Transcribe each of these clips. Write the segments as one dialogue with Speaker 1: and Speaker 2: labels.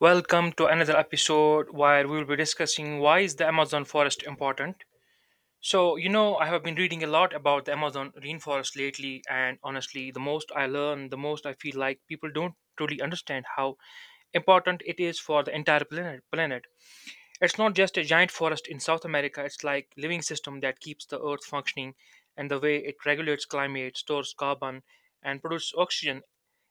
Speaker 1: Welcome to another episode where we will be discussing why is the Amazon forest important. So, I have been reading a lot about the Amazon rainforest lately and honestly, the most I learn, the most I feel like people don't truly understand how important it is for the entire planet. It's not just a giant forest in South America, it's like living system that keeps the earth functioning and the way it regulates climate, stores carbon and produces oxygen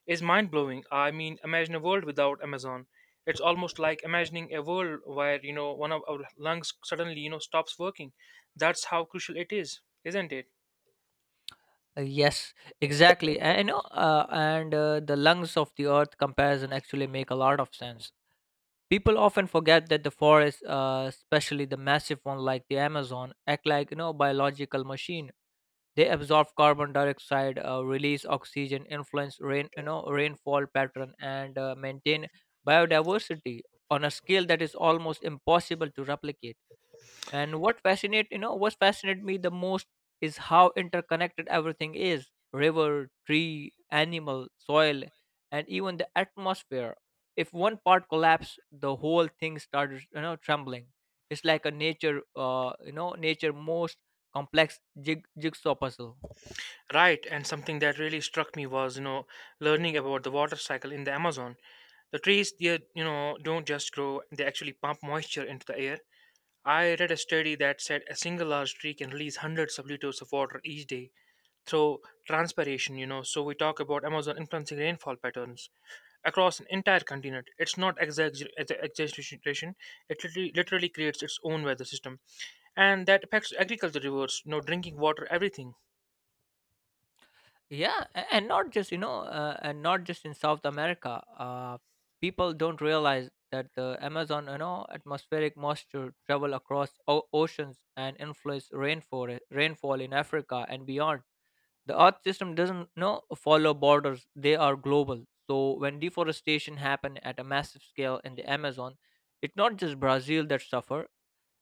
Speaker 1: is mind-blowing. I mean, imagine a world without Amazon. It's almost like imagining a world where, one of our lungs suddenly, stops working. That's how crucial it is, isn't it?
Speaker 2: Yes, exactly. And the lungs of the earth comparison actually make a lot of sense. People often forget that the forests, especially the massive one like the Amazon, act like you know biological machine. They absorb carbon dioxide, release oxygen, influence rain, you know, rainfall pattern, and maintain biodiversity on a scale that is almost impossible to replicate. And what fascinated me the most is how interconnected everything is: river, tree, animal, soil, and even the atmosphere. If one part collapsed, the whole thing started you know trembling. It's like a nature you know nature most complex jigsaw puzzle.
Speaker 1: Right, and something that really struck me was, learning about the water cycle in the Amazon. The trees, they, don't just grow, they actually pump moisture into the air. I read a study that said a single large tree can release hundreds of liters of water each day through transpiration. So we talk about Amazon influencing rainfall patterns across an entire continent. It's not exaggeration, it literally creates its own weather system. And that affects agriculture, rivers, drinking water, everything.
Speaker 2: Yeah, and not just and not just in South America. People don't realize that the Amazon, you know, atmospheric moisture travel across oceans and influence rainforest rainfall in Africa and beyond. The earth system doesn't you know follow borders, they are global. So when deforestation happened at a massive scale in the Amazon, it's not just Brazil that suffer,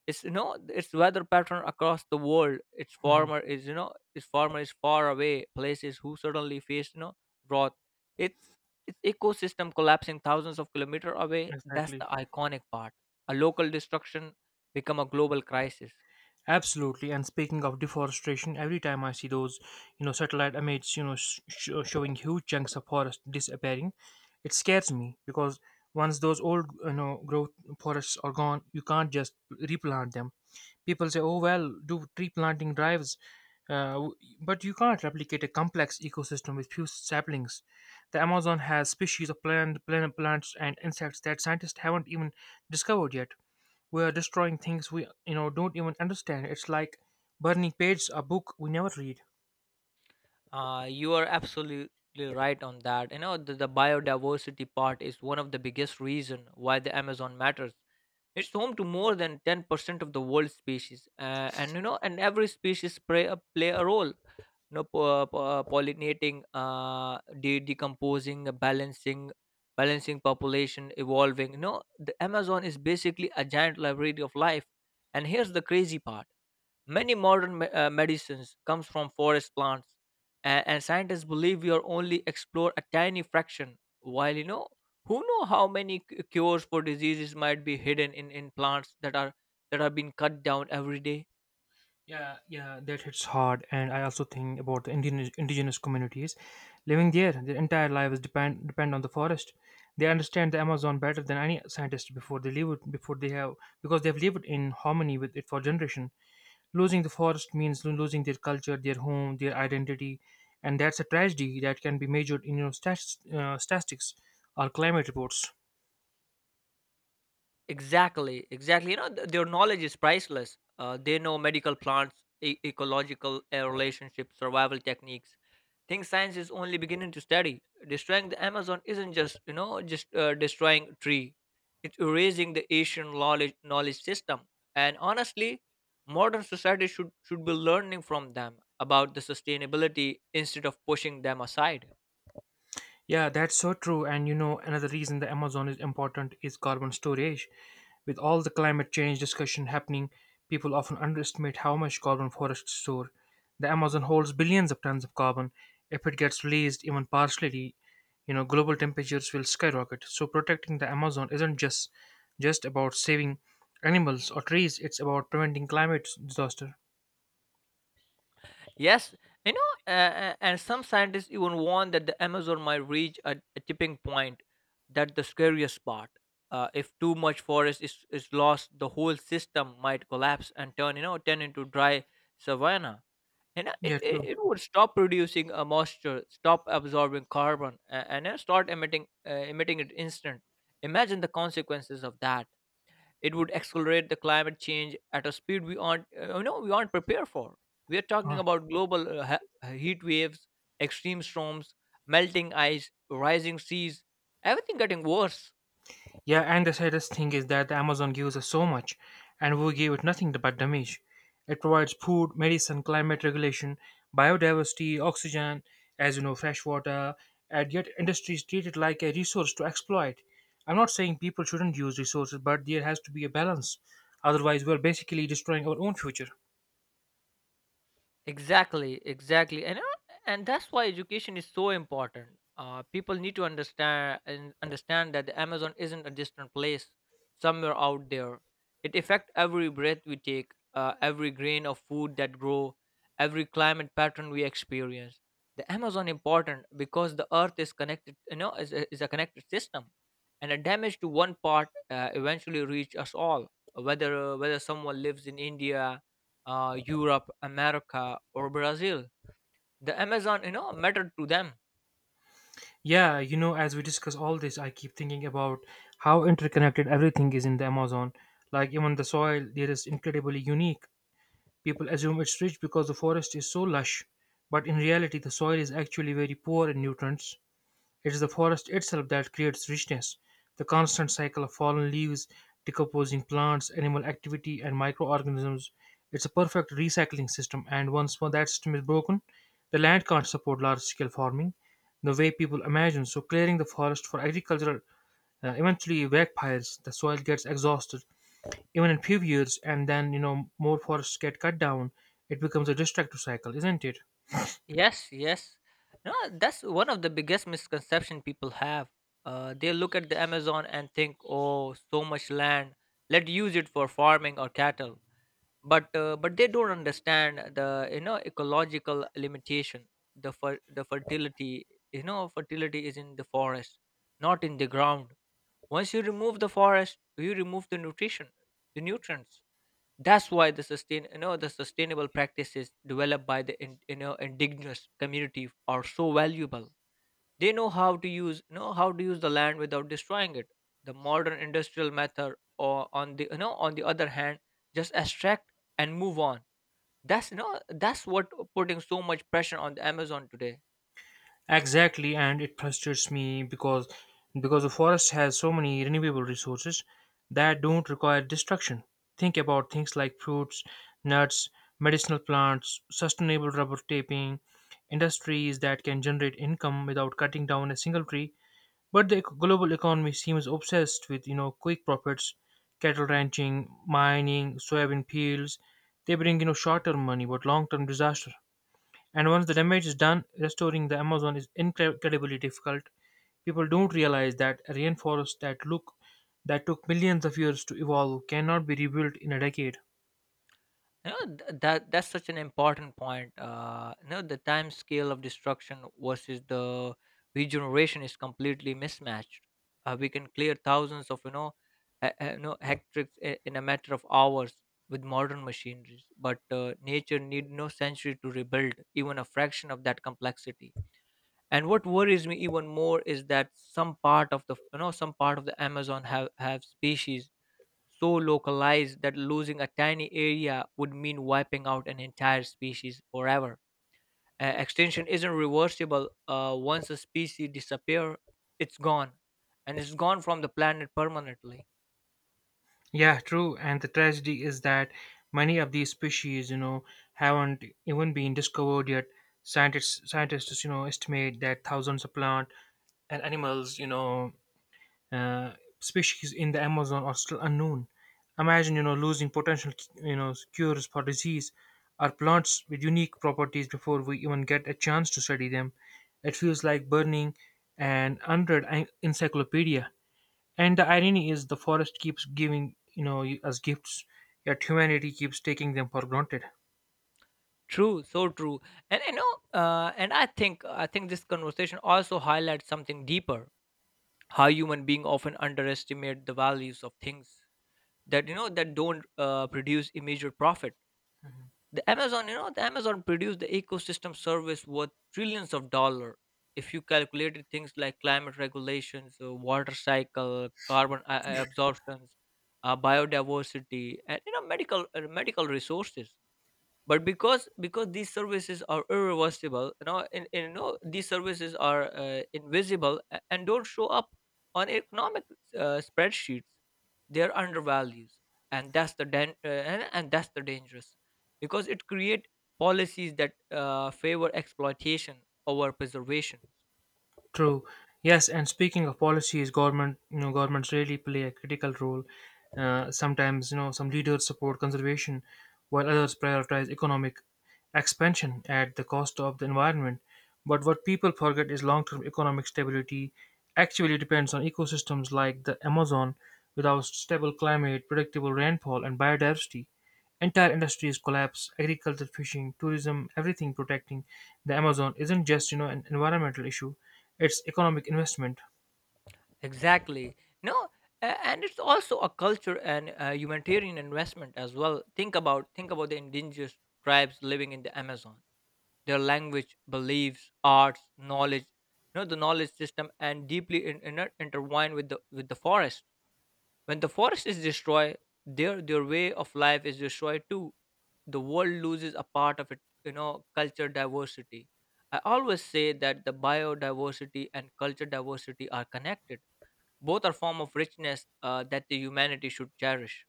Speaker 2: it's you know its weather pattern across the world,
Speaker 1: Mhm.
Speaker 2: its farmer is far away places who suddenly face, you know, drought. It's its ecosystem collapsing thousands of kilometer away. That's
Speaker 1: Exactly.
Speaker 2: the iconic part. A local destruction become a global crisis.
Speaker 1: Absolutely. And speaking of deforestation, every time I see those, satellite images, showing huge chunks of forest disappearing, it scares me because once those old, growth forests are gone, you can't just replant them. People say, "Oh well, do tree planting drives," uh, w- but you can't replicate a complex ecosystem with few saplings. The Amazon has species of plants and insects that scientists haven't even discovered yet. We are destroying things we don't even understand. It's like burning pages a book we never read.
Speaker 2: You are absolutely right on that. You know, the biodiversity part is one of the biggest reason why the Amazon matters. It's home to more than 10% of the world's species, and you know, and every species play a role. You know, pollinating, decomposing, balancing population, evolving. You know, the Amazon is basically a giant library of life. And here's the crazy part. Many modern medicines comes from forest plants, and scientists believe we are only explore a tiny fraction. While you know, who know how many cures for diseases might be hidden in plants that are being cut down every day.
Speaker 1: Yeah, yeah, that hits hard. And I also think about the indigenous communities living there. Their entire lives depend on the forest. They understand the Amazon better than any scientist. Before they live it before they have Because they've lived in harmony with it for generation, losing the forest means losing their culture, their home, their identity. And that's a tragedy that can be measured in statistics or climate reports.
Speaker 2: Exactly, exactly. You know, their knowledge is priceless. They know medical plants, ecological relationships, survival techniques, things science is only beginning to study. Destroying the Amazon isn't just you know just destroying tree; it's erasing the Asian knowledge system. And honestly, modern society should be learning from them about the sustainability instead of pushing them aside.
Speaker 1: Yeah, that's so true. And you know, another reason the Amazon is important is carbon storage. With all the climate change discussion happening, people often underestimate how much carbon forests store. The Amazon holds billions of tons of carbon. If it gets released even partially, global temperatures will skyrocket. So protecting the Amazon isn't just about saving animals or trees, it's about preventing climate disaster.
Speaker 2: Yes, you know, and some scientists even warn that the Amazon might reach a tipping point. That the scariest part. If too much forest is lost, the whole system might collapse and turn, you know, turn into dry savanna. And
Speaker 1: Yeah, true.
Speaker 2: it would stop producing a moisture, stop absorbing carbon, and start emitting emitting it instant. Imagine the consequences of that. It would accelerate the climate change at a speed we aren't prepared for. We are talking
Speaker 1: Uh-huh.
Speaker 2: about global heat waves, extreme storms, melting ice, rising seas, everything getting worse.
Speaker 1: Yeah, and the saddest thing is that the Amazon gives us so much, and we give it nothing but damage. It provides food, medicine, climate regulation, biodiversity, oxygen, as you know, fresh water, and yet industries treat it like a resource to exploit. I'm not saying people shouldn't use resources, but there has to be a balance. Otherwise, we're basically destroying our own future.
Speaker 2: Exactly, exactly, and that's why education is so important. People need to understand that the Amazon isn't a distant place somewhere out there. It affects every breath we take, every grain of food that grow, every climate pattern we experience. The Amazon important because the Earth is connected. You know, is a connected system, and a damage to one part eventually reach us all. Whether someone lives in India, Europe, America, or Brazil. The Amazon, you know, mattered to them.
Speaker 1: Yeah, you know, as we discuss all this, I keep thinking about how interconnected everything is in the Amazon. Like, even the soil there is incredibly unique. People assume it's rich because the forest is so lush, but in reality, the soil is actually very poor in nutrients. It is the forest itself that creates richness. The constant cycle of fallen leaves, decomposing plants, animal activity, and microorganisms. It's a perfect recycling system, and once more that system is broken, the land can't support large scale farming the way people imagine. So, clearing the forest for agriculture eventually backfires. The soil gets exhausted, even in few years, and then you know more forests get cut down. It becomes a destructive cycle, isn't it?
Speaker 2: Yes, yes. No, that's one of the biggest misconception people have. They look at the Amazon and think, "Oh, so much land. Let's use it for farming or cattle." But but they don't understand the you know ecological limitation. The fertility, you know, fertility is in the forest, not in the ground. Once you remove the forest, you remove the nutrition, the nutrients. That's why the sustainable practices developed by the indigenous community are so valuable. They know how to use the land without destroying it. The modern industrial method, or on the you know on the other hand, just extract and move on. That's you know that's what putting so much pressure on the Amazon today.
Speaker 1: Exactly, and it frustrates me because the forest has so many renewable resources that don't require destruction. Think about things like fruits, nuts, medicinal plants, sustainable rubber taping industries that can generate income without cutting down a single tree. But the global economy seems obsessed with you know quick profits, cattle ranching, mining, soybean fields. They bring you know short-term money but long-term disaster. And once the damage is done, restoring the Amazon is incredibly difficult. People don't realize that a rainforest that took millions of years to evolve cannot be rebuilt in a decade.
Speaker 2: You know, that that's such an important point. You know, the time scale of destruction versus the regeneration is completely mismatched. Uh, we can clear thousands of you know you know hectares in a matter of hours with modern machineries, but nature need no century to rebuild even a fraction of that complexity. And what worries me even more is that some part of the Amazon have species so localized that losing a tiny area would mean wiping out an entire species forever. Extinction isn't reversible. Once a species disappears, it's gone, and it's gone from the planet permanently.
Speaker 1: Yeah, true. And the tragedy is that many of these species, haven't even been discovered yet. Scientists, estimate that thousands of plant and animals, uh, species in the Amazon are still unknown. Imagine, losing potential, cures for disease or plants with unique properties before we even get a chance to study them. It feels like burning an unread encyclopedia. And the irony is, the forest keeps giving us gifts, yet humanity keeps taking them for granted.
Speaker 2: True, so true. And I think this conversation also highlights something deeper: how human beings often underestimate the values of things that you know that don't produce immediate profit. The Amazon produced the ecosystem service worth trillions of dollar, if you calculated things like climate regulations, water cycle, carbon absorptions, biodiversity, and you know medical medical resources. But because these services are irreversible, you know, and you know these services are, invisible, and don't show up on economic spreadsheets, they're undervalued. And that's the and that's the dangerous, because it create policies that favor exploitation over preservation.
Speaker 1: True. Yes, and speaking of policies, governments really play a critical role. Sometimes you know some leaders support conservation, while others prioritize economic expansion at the cost of the environment. But what people forget is long-term economic stability actually depends on ecosystems like the Amazon. Without stable climate, predictable rainfall, and biodiversity, entire industries collapse: agriculture, fishing, tourism, everything. Protecting the Amazon isn't just, you know, an environmental issue, it's economic investment.
Speaker 2: Exactly. No, and it's also a culture and humanitarian investment as well. Think about the indigenous tribes living in the Amazon. Their language, beliefs, arts, knowledge, you know, the knowledge system, and deeply intertwined with the forest. When the forest is destroyed, their way of life is destroyed too. The world loses a part of it, you know, culture diversity. I always say that the biodiversity and culture diversity are connected, both are form of richness that the humanity should cherish.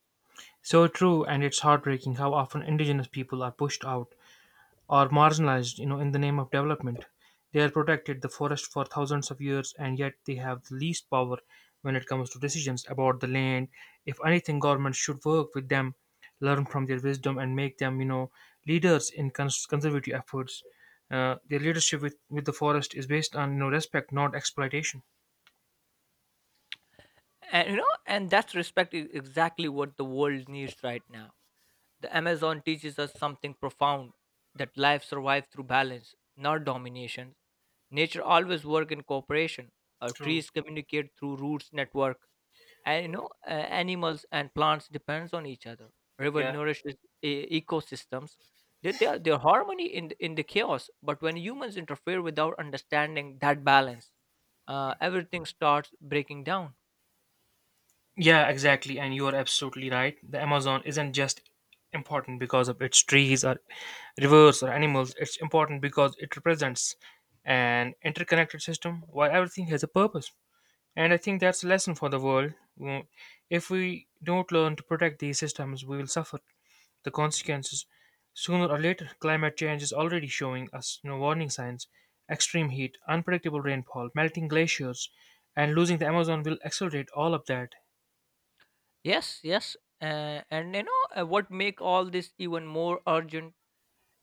Speaker 1: So true. And it's heartbreaking how often indigenous people are pushed out or marginalized you know in the name of development. They are protected the forest for thousands of years, and yet they have the least power when it comes to decisions about the land. If anything, government should work with them, learn from their wisdom, and make them, leaders in conservative efforts. Their leadership with the forest is based on you know respect, not exploitation.
Speaker 2: And you know, and that's respect is exactly what the world needs right now. The Amazon teaches us something profound, that life survives through balance, not domination. Nature always works in cooperation. Our
Speaker 1: True.
Speaker 2: trees communicate through roots network. And animals and plants depends on each other, river
Speaker 1: Yeah.
Speaker 2: nourishes e- ecosystems. They are their harmony in in the chaos, but when humans interfere without understanding that balance, everything starts breaking down.
Speaker 1: Yeah, exactly. And you are absolutely right. The Amazon isn't just important because of its trees or rivers or animals, it's important because it represents an interconnected system where everything has a purpose. And I think that's a lesson for the world. Mm. If we don't learn to protect these systems, we will suffer the consequences sooner or later. Climate change is already showing us, you know, warning signs. Extreme heat, unpredictable rainfall, melting glaciers, and losing the Amazon will accelerate all of that.
Speaker 2: Yes, yes. And you know What make all this even more urgent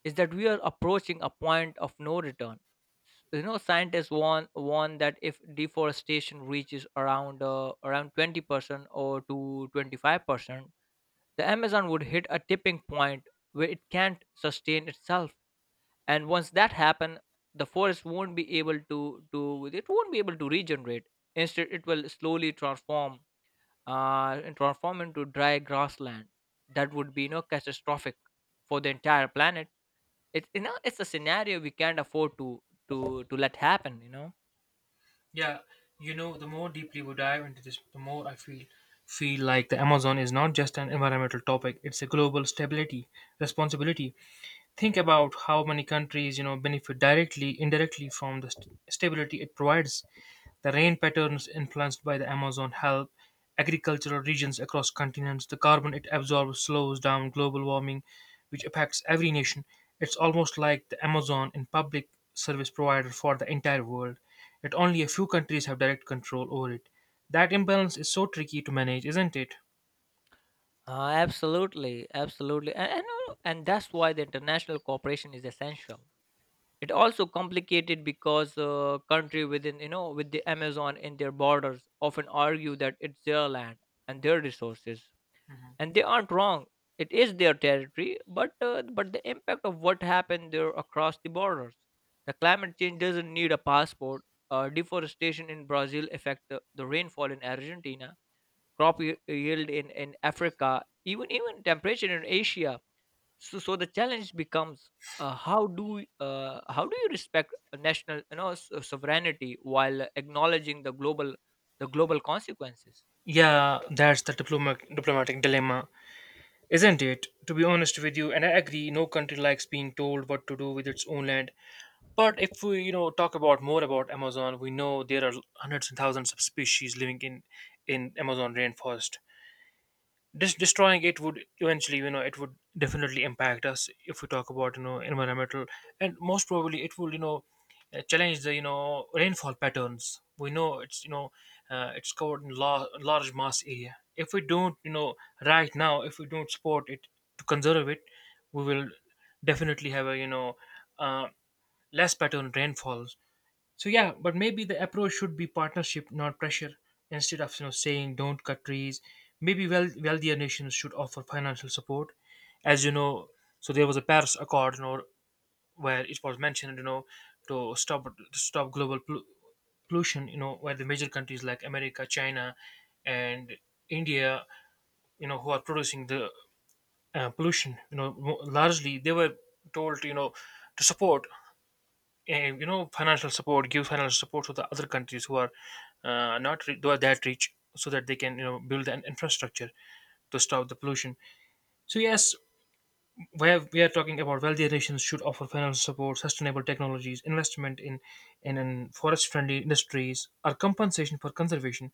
Speaker 2: is that we are approaching a point of no return. You know scientists warn that if deforestation reaches around 20% or to 25%, the Amazon would hit a tipping point where it can't sustain itself. And once that happen, the forest won't be able to, it won't be able to regenerate, instead it will slowly transform, and transform into dry grassland. That would be you know catastrophic for the entire planet. It's you know it's a scenario we can't afford to to let happen. You know.
Speaker 1: Yeah, you know, the more deeply we dive into this, the more I feel like the Amazon is not just an environmental topic; it's a global stability responsibility. Think about how many countries you know benefit directly, indirectly from the stability it provides. The rain patterns influenced by the Amazon help agricultural regions across continents. The carbon it absorbs slows down global warming, which affects every nation. It's almost like the Amazon in public service provider for the entire world, yet only a few countries have direct control over it. That imbalance is so tricky to manage, isn't it?
Speaker 2: Absolutely, absolutely, and that's why the international cooperation is essential. It also complicated because country within you know with the Amazon in their borders often argue that it's their land and their resources, and they aren't wrong, it is their territory. But but the impact of what happened there across the borders, the climate change doesn't need a passport. Uh, deforestation in Brazil affect the rainfall in Argentina, crop yield in Africa, even temperature in Asia. So the challenge becomes, how do you respect a national you know sovereignty while acknowledging the global consequences.
Speaker 1: Yeah, that's the diplomatic dilemma, isn't it? To be honest with you, and I agree, no country likes being told what to do with its own land. But if we, you know, talk about more about Amazon, we know there are hundreds and thousands of species living in Amazon rainforest. Destroying it would eventually, it would definitely impact us if we talk about, you know, environmental, and most probably it will, challenge the, you know, rainfall patterns. We know it's, it's covered in large mass area. If we don't, right now, if we don't support it to conserve it, we will definitely have a, uh, less pattern rainfall. So yeah, but maybe the approach should be partnership, not pressure. Instead of you know saying don't cut trees, maybe well wealthier nations should offer financial support. As you know, so there was a Paris Accord, where it was mentioned, to stop global pollution. You know, where the major countries like America, China, and India, who are producing the pollution, largely, they were told, to support eh, you know financial support give financial support to the other countries who are not re- who are that rich so that they can you know build an infrastructure to stop the pollution. So yes, where we are talking about wealthier nations should offer financial support, sustainable technologies investment in forest friendly industries or compensation for conservation.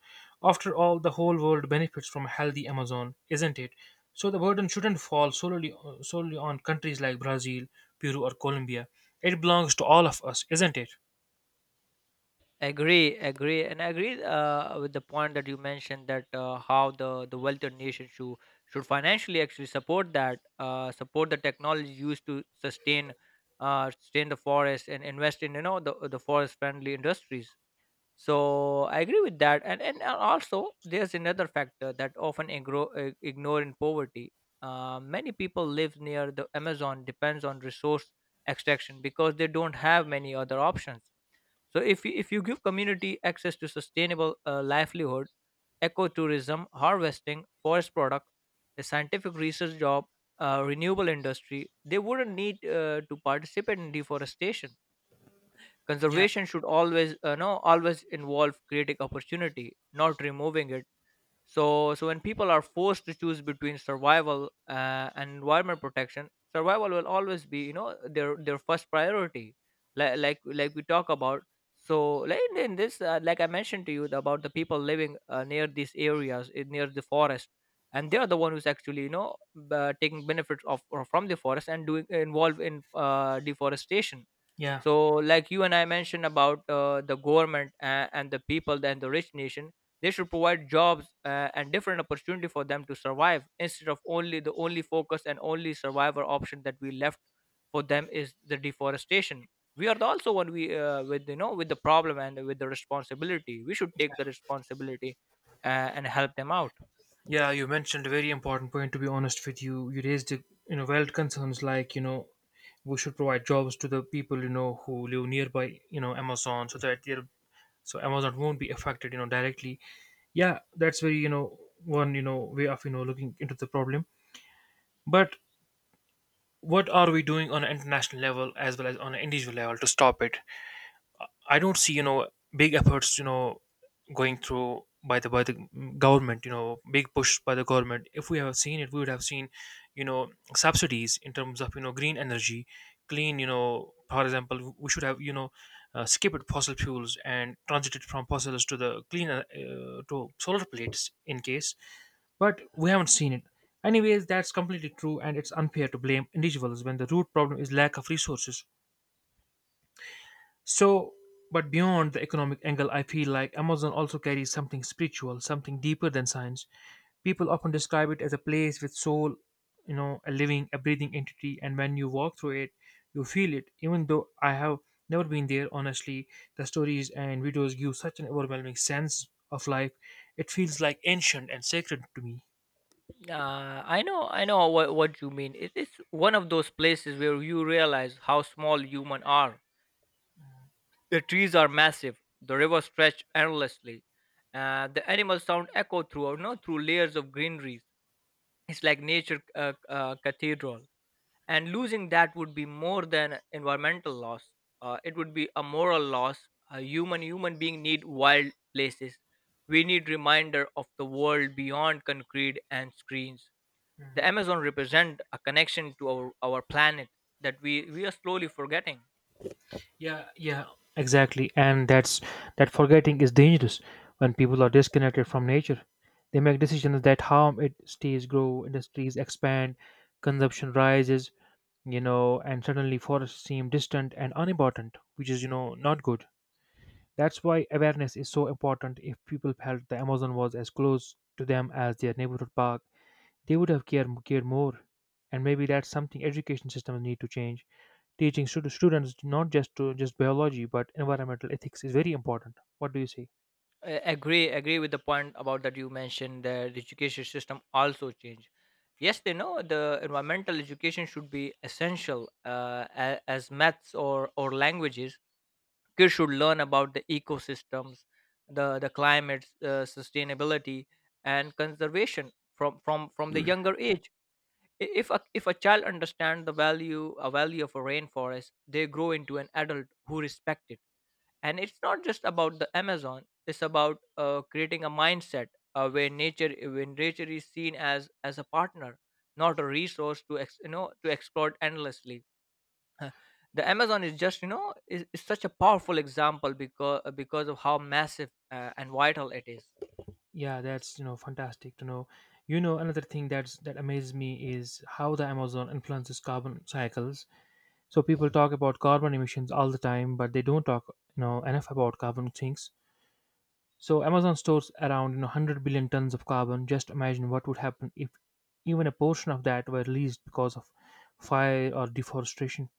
Speaker 1: After all, the whole world benefits from a healthy Amazon, isn't it? So the burden shouldn't fall solely on countries like Brazil, Peru or Colombia. It belongs to all of us, isn't it?
Speaker 2: Agree, agree, and I agree with the point that you mentioned that how the wealthier nation should financially actually support that, support the technology used to sustain, sustain the forest, and invest in you know the forest friendly industries. So I agree with that, and also there's another factor that often ignore in poverty. Many people live near the Amazon depends on resource extraction because they don't have many other options. So if you give community access to sustainable livelihood, ecotourism, harvesting, forest product, a scientific research job, renewable industry, they wouldn't need to participate in deforestation.
Speaker 1: Yeah,
Speaker 2: Conservation should always no always involve creating opportunity, not removing it. So when people are forced to choose between survival and environment protection, survival will always be, their first priority. Like we talk about. So, like in this, like I mentioned to you about the people living near these areas, near the forest, and they are the one who's actually, you know, taking benefits of or from the forest and doing involved in deforestation.
Speaker 1: yeah,
Speaker 2: So like you and I mentioned about the government and the people and the rich nation, they should provide jobs and different opportunity for them to survive instead of only the only focus and only survivor option that we left for them is the deforestation. We are the also one we with with the problem and with the responsibility. We should take the responsibility and help them out.
Speaker 1: yeah. You mentioned a very important point. To be honest with you, you raised the valid concerns, like we should provide jobs to the people who live nearby Amazon so that they'll so Amazon won't be affected directly. Yeah, that's very, one way of looking into the problem. But what are we doing on an international level as well as on an individual level to stop it? I don't see big efforts going through by the government, big push by the government. If we have seen it, we would have seen you know subsidies in terms of green energy, clean, for example, we should have skipped fossil fuels and transited from fossils to the clean to solar plates in case, but we haven't seen it anyways. That's completely true, and it's unfair to blame individuals when the root problem is lack of resources. So, but beyond the economic angle, I feel like Amazon also carries something spiritual, something deeper than science. People often describe it as a place with soul, a living, a breathing entity, and when you walk through it, you feel it. Even though I have never been there, honestly, the stories and videos give such an overwhelming sense of life. It feels like ancient and sacred to me.
Speaker 2: I know, I know what you mean. It is one of those places where you realize how small human are. The trees are massive, the river stretched endlessly, and the animal sound echoed through, you know, through layers of greenery. It's like nature cathedral. And losing that would be more than environmental loss. It would be a moral loss. A human being need wild places. We need reminder of the world beyond concrete and screens. The Amazon represent a connection to our planet that we are slowly forgetting.
Speaker 1: Yeah, yeah, exactly. And that forgetting is dangerous when people are disconnected from nature. They make decisions that harm it. Cities grow, industries expand, consumption rises, and suddenly forests seem distant and unimportant, which is not good. That's why awareness is so important. If people felt the Amazon was as close to them as their neighborhood park, they would have cared more. And maybe that's something education systems need to change, teaching students not just biology but environmental ethics is very important. What do you say?
Speaker 2: I agree with the point about that you mentioned that the education system also changed. Yes, they know the environmental education should be essential as maths or languages. Kids should learn about the ecosystems, the climate, sustainability and conservation from the younger age. If a child understands the value a value of a rainforest, they grow into an adult who respect it. And it's not just about the Amazon, it's about creating a mindset where nature, when nature is seen as a partner, not a resource to ex, you know to exploit endlessly. Uh, the Amazon is just is such a powerful example because of how massive and vital it is.
Speaker 1: Yeah, that's fantastic to know. Another thing that amazes me is how the Amazon influences carbon cycles. So people talk about carbon emissions all the time, but they don't talk enough about carbon sinks. So Amazon stores around 100 billion tons of carbon. Just imagine what would happen if even a portion of that were released because of fire or deforestation.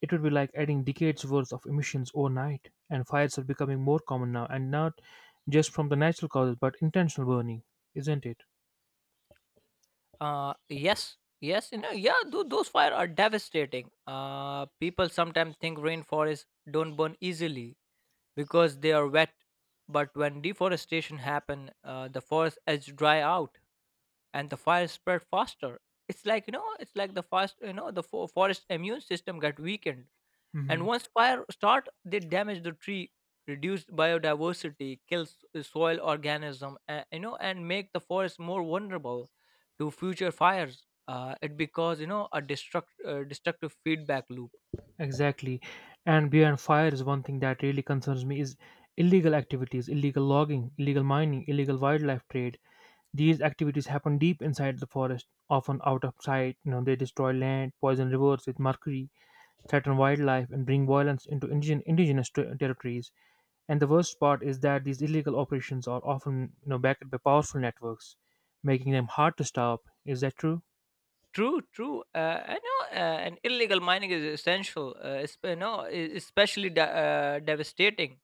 Speaker 1: It would be like adding decades worth of emissions overnight, and fires are becoming more common now, and not just from the natural causes but intentional burning, isn't it?
Speaker 2: uh yes yes, yeah, those fires are devastating. Uh, people sometimes think rainforests don't burn easily because they are wet. But when deforestation happen, the forest edge dry out and the fire spread faster. It's like the fast you know the forest immune system got weakened.
Speaker 1: Hmm.
Speaker 2: And once fire start, they damage the tree, reduce biodiversity, kills the soil organism, and make the forest more vulnerable to future fires. It because a destructive feedback loop.
Speaker 1: Exactly. And beyond fire, is one thing that really concerns me is illegal activities, illegal logging, illegal mining, illegal wildlife trade. These activities happen deep inside the forest, often out of sight. You know, they destroy land, poison rivers with mercury, threaten wildlife, and bring violence into indigenous territories. And the worst part is that these illegal operations are often, backed by powerful networks, making them hard to stop. Is that true?
Speaker 2: True, true. I know, and illegal mining is essential. It's, you know, especially devastating.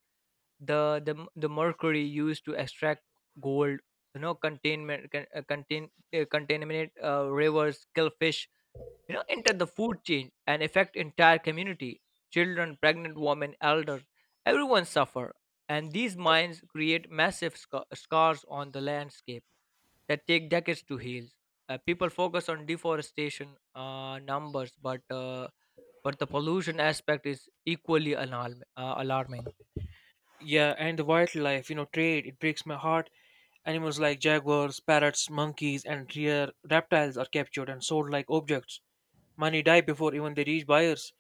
Speaker 2: The mercury used to extract gold, you know, containment con- contain contaminate rivers, kill fish. You know, enter the food chain and affect entire community. Children, pregnant women, elders, everyone suffer. And these mines create massive scars on the landscape that take decades to heal. People focus on deforestation numbers, but the pollution aspect is equally alarming.
Speaker 1: Yeah, and the wildlife, you know, trade, it breaks my heart. Animals like jaguars, parrots, monkeys, and rare reptiles are captured and sold like objects. Many die before even they reach buyers.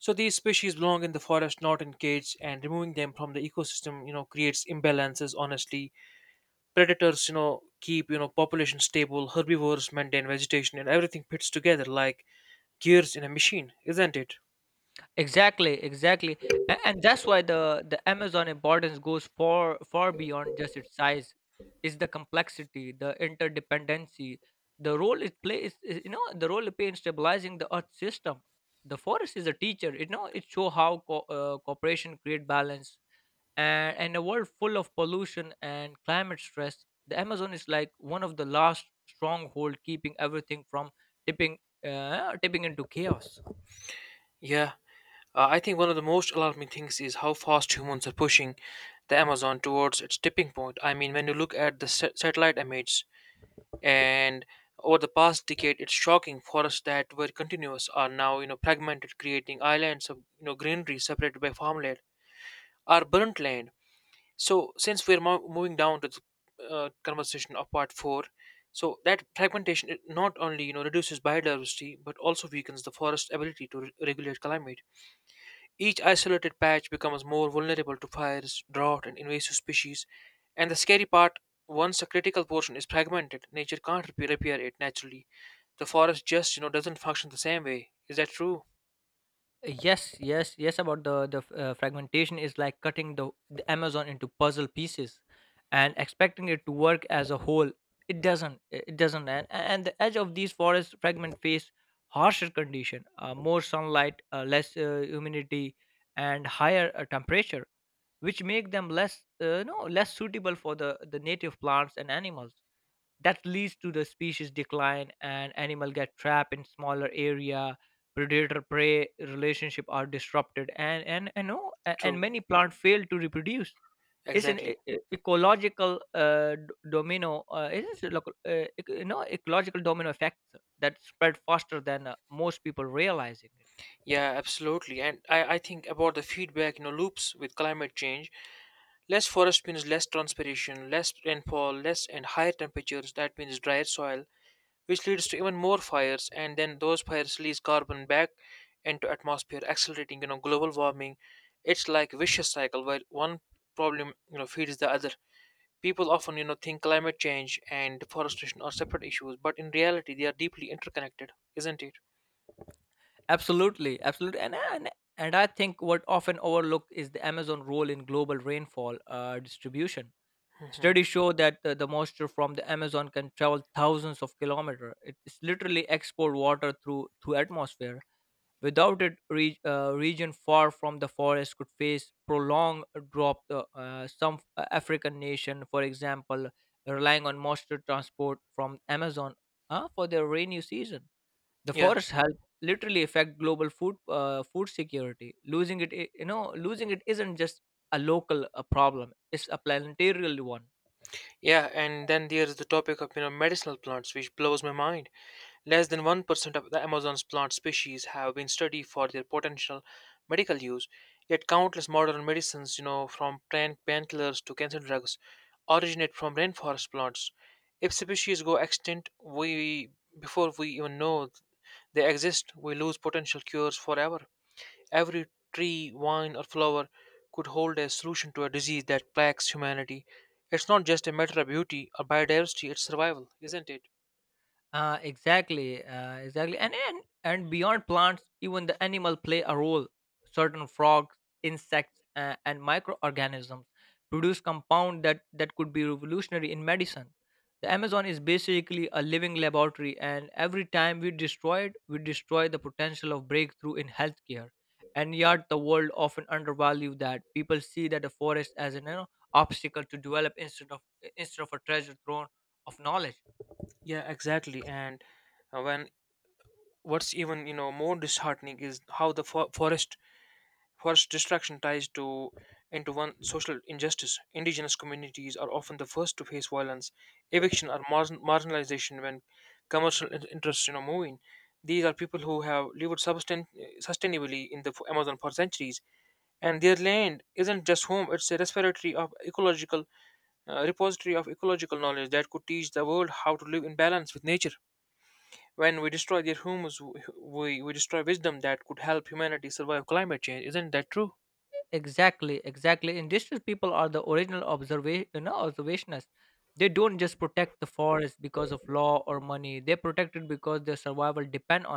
Speaker 1: So these species belong in the forest, not in cages, and removing them from the ecosystem creates imbalances, honestly. Predators keep population stable. Herbivores maintain vegetation, and everything fits together like gears in a machine, isn't it?
Speaker 2: Exactly, exactly, and that's why the Amazon importance goes far beyond just its size. It's the complexity, the interdependency, the role it plays. Is- You know, the role it plays in stabilizing the Earth system. The forest is a teacher. You know, it show how cooperation create balance. And in a world full of pollution and climate stress, the Amazon is like one of the last stronghold keeping everything from tipping, tipping into chaos.
Speaker 1: Yeah. I think one of the most alarming things is how fast humans are pushing the Amazon towards its tipping point. I mean, when you look at the satellite images and over the past decade, it's shocking. Forests that were continuous are now fragmented, creating islands of greenery separated by farmland or burnt land. So, since we're moving down to the conversation of part four, so that fragmentation, it not only reduces biodiversity but also weakens the forest's ability to regulate climate. Each isolated patch becomes more vulnerable to fires, drought, and invasive species. And the scary part, once a critical portion is fragmented, nature can't repair it naturally. The forest just doesn't function the same way. Is that true?
Speaker 2: Yes, yes, yes. About the fragmentation is like cutting the Amazon into puzzle pieces, and expecting it to work as a whole. It doesn't. It doesn't. And the edge of these forest fragment face harsher condition, more sunlight, less humidity, and higher temperature, which make them less, no, less suitable for the native plants and animals. That leads to the species decline, and animal get trapped in smaller area. Predator prey relationship are disrupted, and, no, a- and
Speaker 1: True.
Speaker 2: many plant fail to reproduce. It's an
Speaker 1: Exactly.
Speaker 2: ecological domino, it is a ecological domino effect that spread faster than most people realizing it.
Speaker 1: Yeah, absolutely. And I think about the feedback, you know, loops with climate change. Less forest means less transpiration, less rainfall, less and higher temperatures. That means drier soil, which leads to even more fires, and then those fires release carbon back into atmosphere, accelerating global warming. It's like vicious cycle where one problem feeds the other. People often think climate change and deforestation are separate issues, but in reality they are deeply interconnected, isn't it?
Speaker 2: Absolutely, absolutely, and I think what often overlooked is the Amazon role in global rainfall distribution.
Speaker 1: Hmm.
Speaker 2: Studies show that the moisture from the Amazon can travel thousands of kilometers. It's literally export water through atmosphere. Without it, region far from the forest could face prolonged drop. Some African nation, for example, relying on moisture transport from Amazon for their rainy season. The
Speaker 1: Yeah.
Speaker 2: forest health literally affect global food food security. Losing it I- you know Losing it isn't just a local problem, it's a planetary one.
Speaker 1: Yeah, and then there's the topic of medicinal plants, which blows my mind. Less than 1% of the Amazon's plant species have been studied for their potential medical use, yet countless modern medicines, from plant painkillers to cancer drugs, originate from rainforest plants. If species go extinct, we before we even know they exist, we lose potential cures forever. Every tree, vine, or flower could hold a solution to a disease that plagues humanity. It's not just a matter of beauty or biodiversity, it's survival, isn't it?
Speaker 2: Exactly, exactly, and beyond plants, even the animal play a role. Certain frogs, insects, and microorganisms produce compound that could be revolutionary in medicine. The Amazon is basically a living laboratory, and every time we destroy it, we destroy the potential of breakthrough in healthcare. And yet, the world often undervalue that. People see that a forest as an obstacle to develop instead of a treasure trove of knowledge.
Speaker 1: Yeah, exactly. And when what's even more disheartening is how the forest destruction ties to into one social injustice. Indigenous communities are often the first to face violence, eviction, or marginalization when commercial interests move in. These are people who have lived sustainably in the Amazon for centuries, and their land isn't just home; it's a respiratory of ecological repository of ecological knowledge that could teach the world how to live in balance with nature. When we destroy their homes, we destroy wisdom that could help humanity survive climate change. Isn't that true?
Speaker 2: Exactly, exactly. Indigenous people are the original observationists. They don't just protect the forest because of law or money. They protect it because their survival depend on